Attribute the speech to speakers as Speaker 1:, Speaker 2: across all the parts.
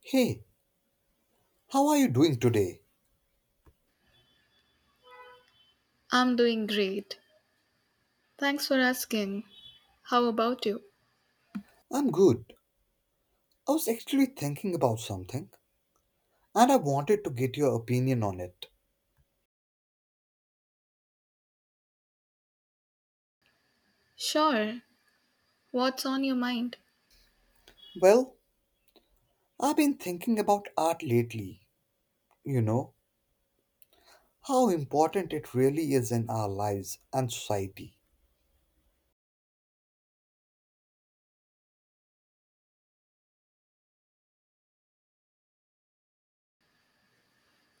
Speaker 1: Hey, how are you doing today?
Speaker 2: I'm doing great. Thanks for asking. How about you?
Speaker 1: I'm good. I was actually thinking about something and I wanted to get your opinion on it.
Speaker 2: Sure. What's on your mind?
Speaker 1: Well, I've been thinking about art lately, you know, how important it really is in our lives and society.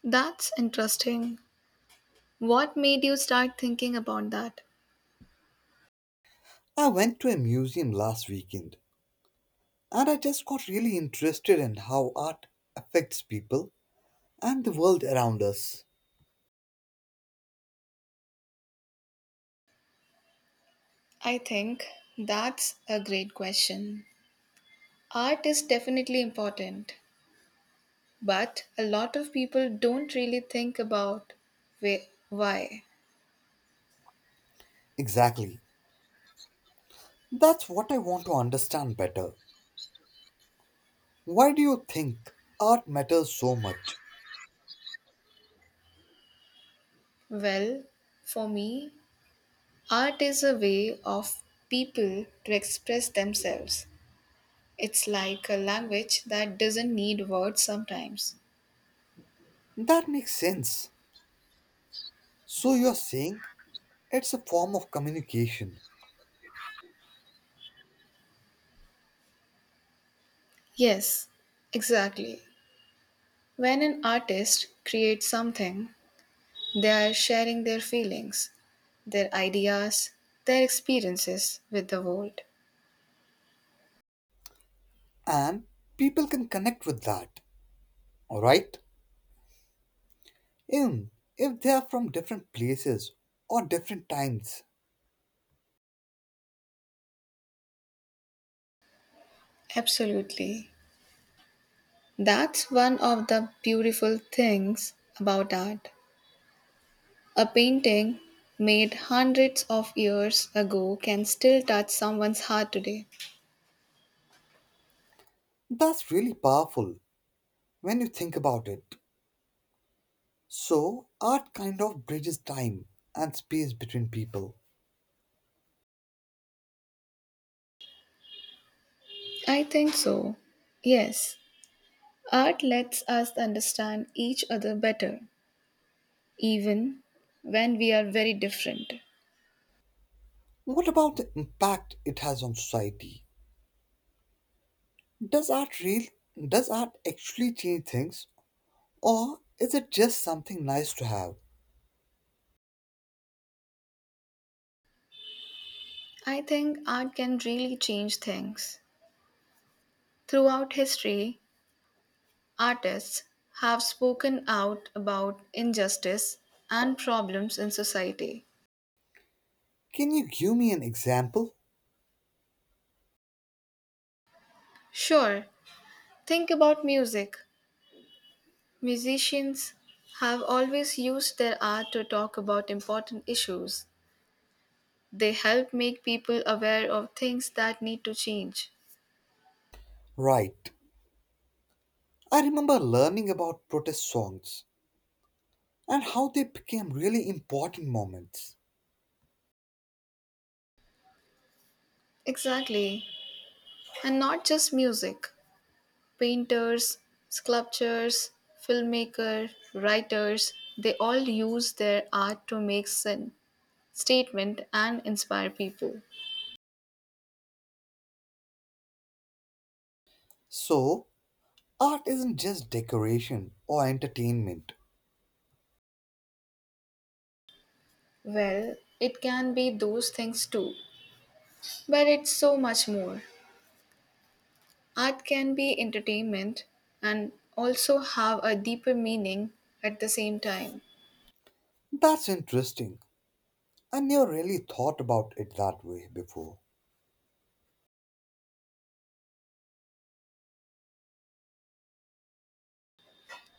Speaker 2: That's interesting. What made you start thinking about that?
Speaker 1: I went to a museum last weekend and I just got really interested in how art affects people and the world around us.
Speaker 2: I think that's a great question. Art is definitely important, but a lot of people don't really think about why.
Speaker 1: Exactly. That's what I want to understand better. Why do you think art matters so much?
Speaker 2: Well, for me, art is a way of people to express themselves. It's like a language that doesn't need words sometimes.
Speaker 1: That makes sense. So you're saying it's a form of communication
Speaker 2: Yes, exactly. When an artist creates something, they are sharing their feelings, their ideas, their experiences with the world.
Speaker 1: and people can connect with that, alright? Even if they are from different places or different times.
Speaker 2: Absolutely. That's one of the beautiful things about art. A painting made hundreds of years ago can still touch someone's heart today.
Speaker 1: That's really powerful when you think about it. So, art kind of bridges time and space between people.
Speaker 2: I think so. Yes. Art lets us understand each other better, even when we are very different.
Speaker 1: What about the impact it has on society? Does art real does art actually change things or is it just something nice to have?
Speaker 2: I think art can really change things. Throughout history, artists have spoken out about injustice and problems in society.
Speaker 1: Can you give me an example?
Speaker 2: Sure, think about music. Musicians have always used their art to talk about important issues. They help make people aware of things that need to change.
Speaker 1: Right. I remember learning about protest songs and how they became really important moments.
Speaker 2: Exactly. And not just music, painters, sculptors, filmmakers, writers, they all use their art to make sin, statement and inspire people.
Speaker 1: So, art isn't just decoration or entertainment.
Speaker 2: Well, it can be those things too, but it's so much more. Art can be entertainment and also have a deeper meaning at the same time.
Speaker 1: That's interesting. I never really thought about it that way before.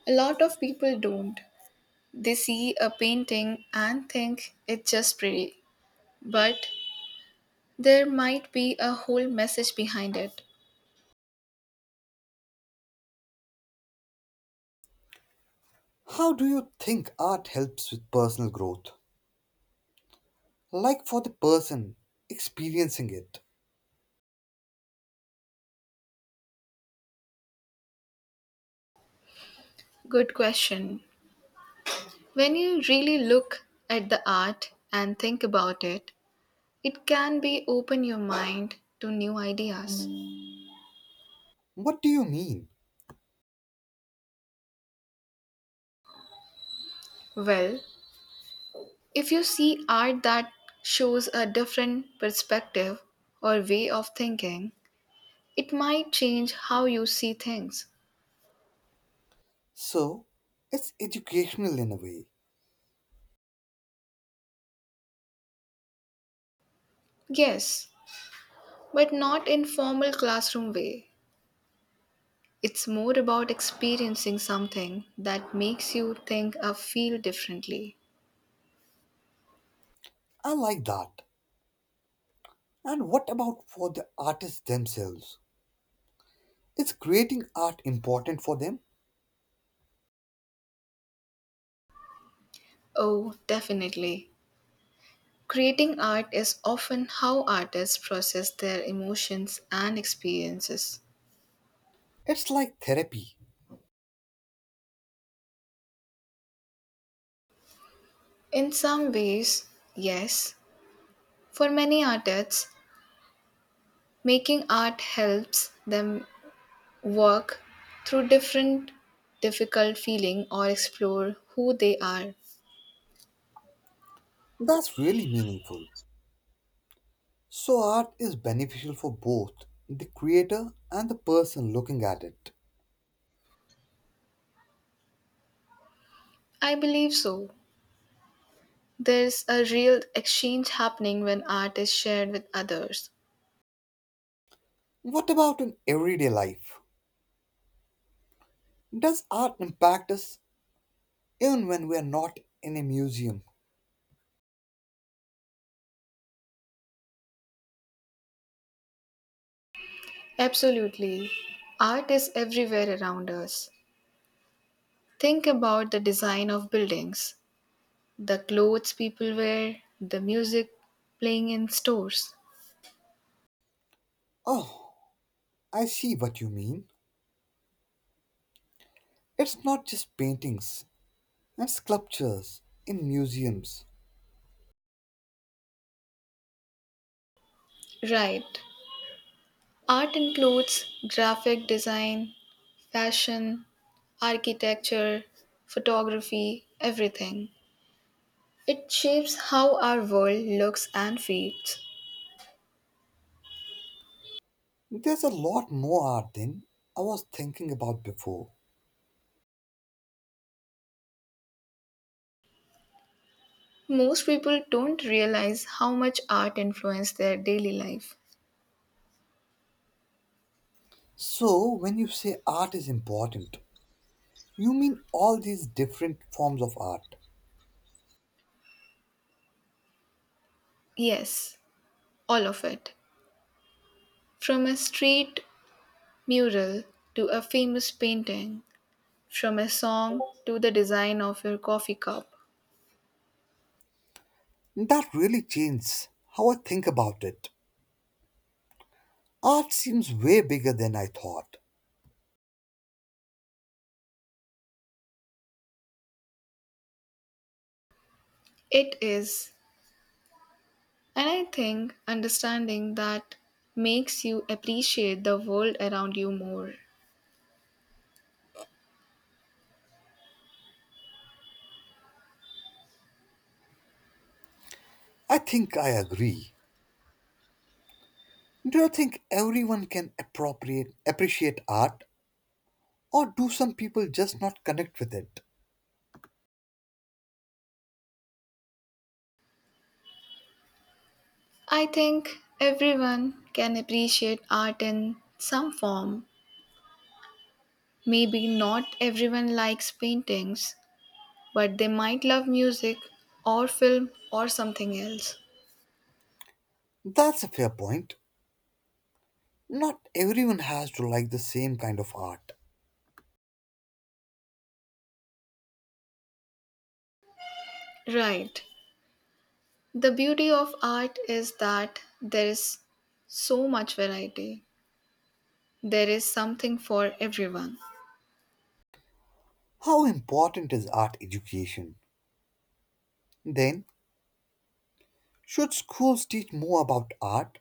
Speaker 2: A lot of people don't. They see a painting and think it's just pretty. But there might be a whole message behind it.
Speaker 1: How do you think art helps with personal growth? Like for the person experiencing it.
Speaker 2: Good question. When you really look at the art and think about it, it can be open your mind to new ideas.
Speaker 1: What do you mean?
Speaker 2: Well, if you see art that shows a different perspective or way of thinking, it might change how you see things.
Speaker 1: So, it's educational in a way.
Speaker 2: Yes, but not in formal classroom way. It's more about experiencing something that makes you think or feel differently.
Speaker 1: I like that. And what about for the artists themselves? Is creating art important for them?
Speaker 2: Oh, definitely. Creating art is often how artists process their emotions and experiences.
Speaker 1: It's like therapy.
Speaker 2: In some ways, yes. For many artists, making art helps them work through different difficult feeling or explore who they are.
Speaker 1: That's really meaningful. So, art is beneficial for both the creator and the person looking at it.
Speaker 2: I believe so. There's a real exchange happening when art is shared with others.
Speaker 1: What about in everyday life? Does art impact us even when we are not in a museum?
Speaker 2: Absolutely. Art is everywhere around us. Think about the design of buildings, the clothes people wear, the music playing in stores.
Speaker 1: Oh, I see what you mean. It's not just paintings and sculptures in museums.
Speaker 2: Right. Art includes graphic design, fashion, architecture, photography, everything. It shapes how our world looks and feels.
Speaker 1: There's a lot more art than I was thinking about before.
Speaker 2: Most people don't realize how much art influenced their daily life.
Speaker 1: So, when you say art is important, you mean all these different forms of art.
Speaker 2: Yes, all of it. From a street mural to a famous painting, from a song to the design of your coffee cup.
Speaker 1: That really changes how I think about it. Art seems way bigger than I thought.
Speaker 2: It is. And I think understanding that makes you appreciate the world around you more.
Speaker 1: I think I agree. Do you think everyone can appropriate appreciate art or do some people just not connect with it?
Speaker 2: I think everyone can appreciate art in some form. Maybe not everyone likes paintings, but they might love music or film or something else.
Speaker 1: That's a fair point. Not everyone has to like the same kind of art.
Speaker 2: Right. The beauty of art is that there is so much variety. There is something for everyone.
Speaker 1: How important is art education? Then, should schools teach more about art?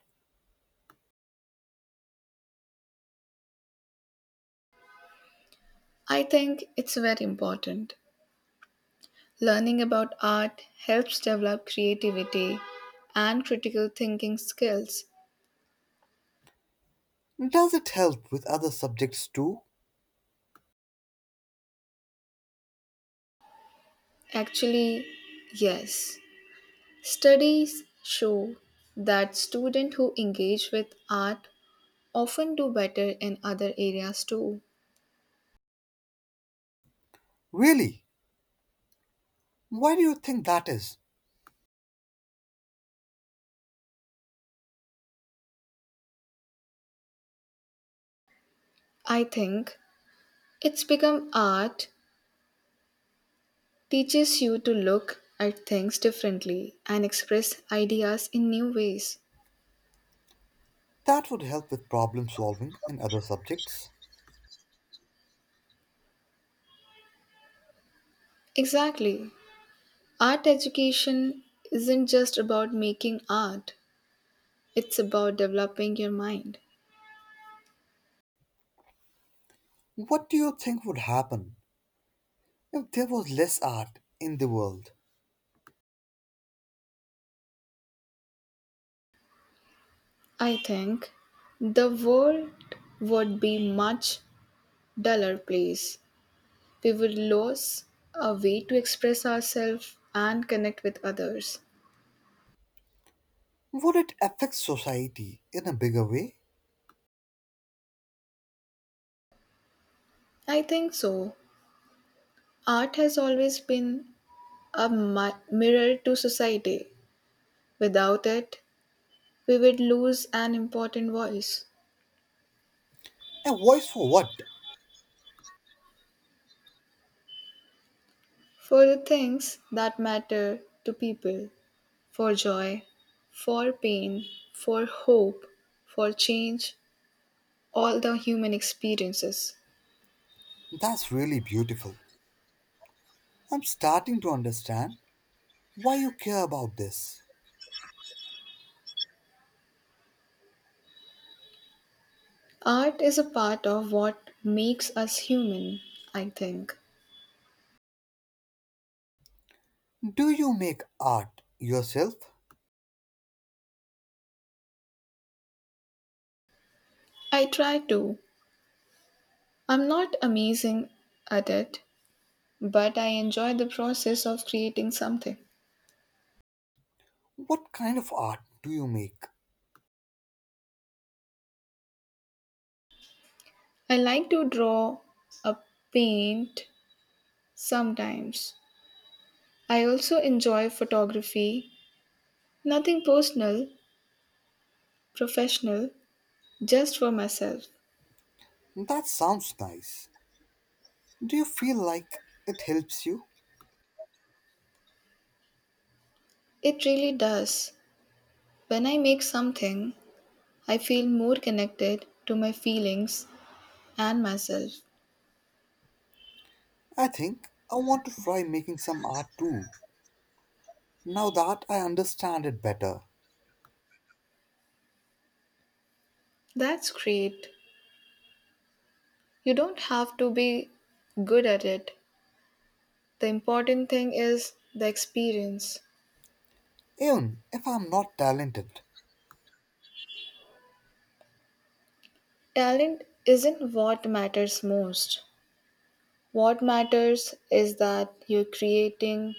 Speaker 2: I think it's very important. Learning about art helps develop creativity and critical thinking skills.
Speaker 1: Does it help with other subjects too?
Speaker 2: Actually, yes. Studies show that students who engage with art often do better in other areas too.
Speaker 1: Really? Why do you think that is?
Speaker 2: I think it's become art teaches you to look at things differently and express ideas in new ways.
Speaker 1: That would help with problem solving in other subjects.
Speaker 2: Exactly. Art education isn't just about making art, it's about developing your mind.
Speaker 1: What do you think would happen if there was less art in the world?
Speaker 2: I think the world would be much duller place. We would lose a way to express ourselves and connect with others.
Speaker 1: Would it affect society in a bigger way?
Speaker 2: I think so. Art has always been a mirror to society. Without it, we would lose an important voice
Speaker 1: A voice for what?
Speaker 2: for the things that matter to people. For joy, for pain, for hope, for change, all the human experiences.
Speaker 1: That's really beautiful. I'm starting to understand why you care about this.
Speaker 2: Art is a part of what makes us human, I think.
Speaker 1: Do you make art yourself?
Speaker 2: I try to. I'm not amazing at it, but I enjoy the process of creating something.
Speaker 1: What kind of art do you make?
Speaker 2: I like to draw a paint sometimes. I also enjoy photography, nothing personal, professional, just for myself.
Speaker 1: That sounds nice. Do you feel like it helps you?
Speaker 2: It really does. When I make something, I feel more connected to my feelings and myself.
Speaker 1: I think I want to try making some art too, now that I understand it better.
Speaker 2: That's great. You don't have to be good at it. The important thing is the experience.
Speaker 1: Even if I'm not talented,
Speaker 2: Talent isn't what matters most. What matters is that you're creating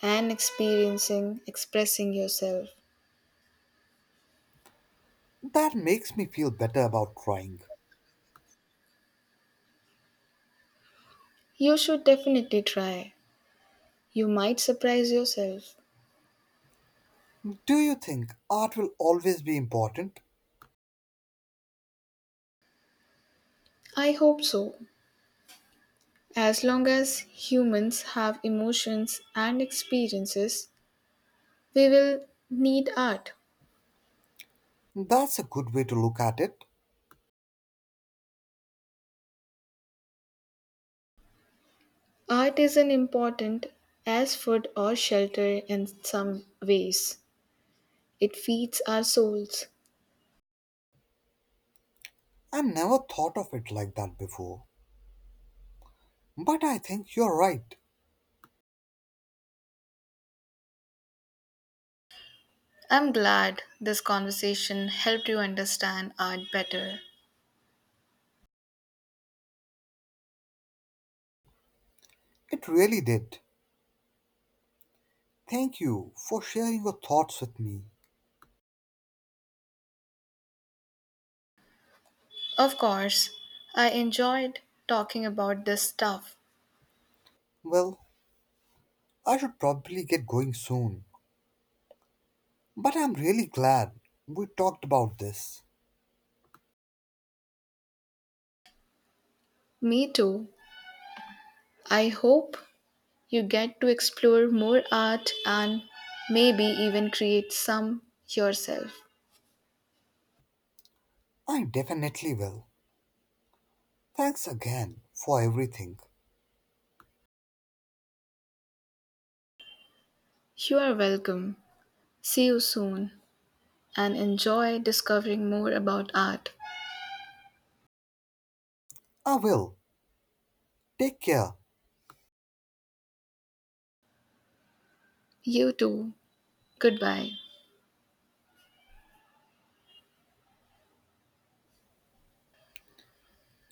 Speaker 2: and experiencing expressing yourself.
Speaker 1: that makes me feel better about trying.
Speaker 2: You should definitely try. You might surprise yourself.
Speaker 1: Do you think art will always be important?
Speaker 2: I hope so. As long as humans have emotions and experiences, we will need art.
Speaker 1: That's a good way to look at it.
Speaker 2: Art is an important as food or shelter in some ways. It feeds our souls.
Speaker 1: I never thought of it like that before. But I think you're right.
Speaker 2: I'm glad this conversation helped you understand art better.
Speaker 1: It really did. Thank you for sharing your thoughts with me.
Speaker 2: Of course, I enjoyed talking about this stuff.
Speaker 1: Well, I should probably get going soon. But I'm really glad we talked about this.
Speaker 2: Me too. I hope you get to explore more art and maybe even create some yourself.
Speaker 1: I definitely will. Thanks again for everything.
Speaker 2: You are welcome. See you soon and enjoy discovering more about art.
Speaker 1: I will. Take care.
Speaker 2: You too. Goodbye.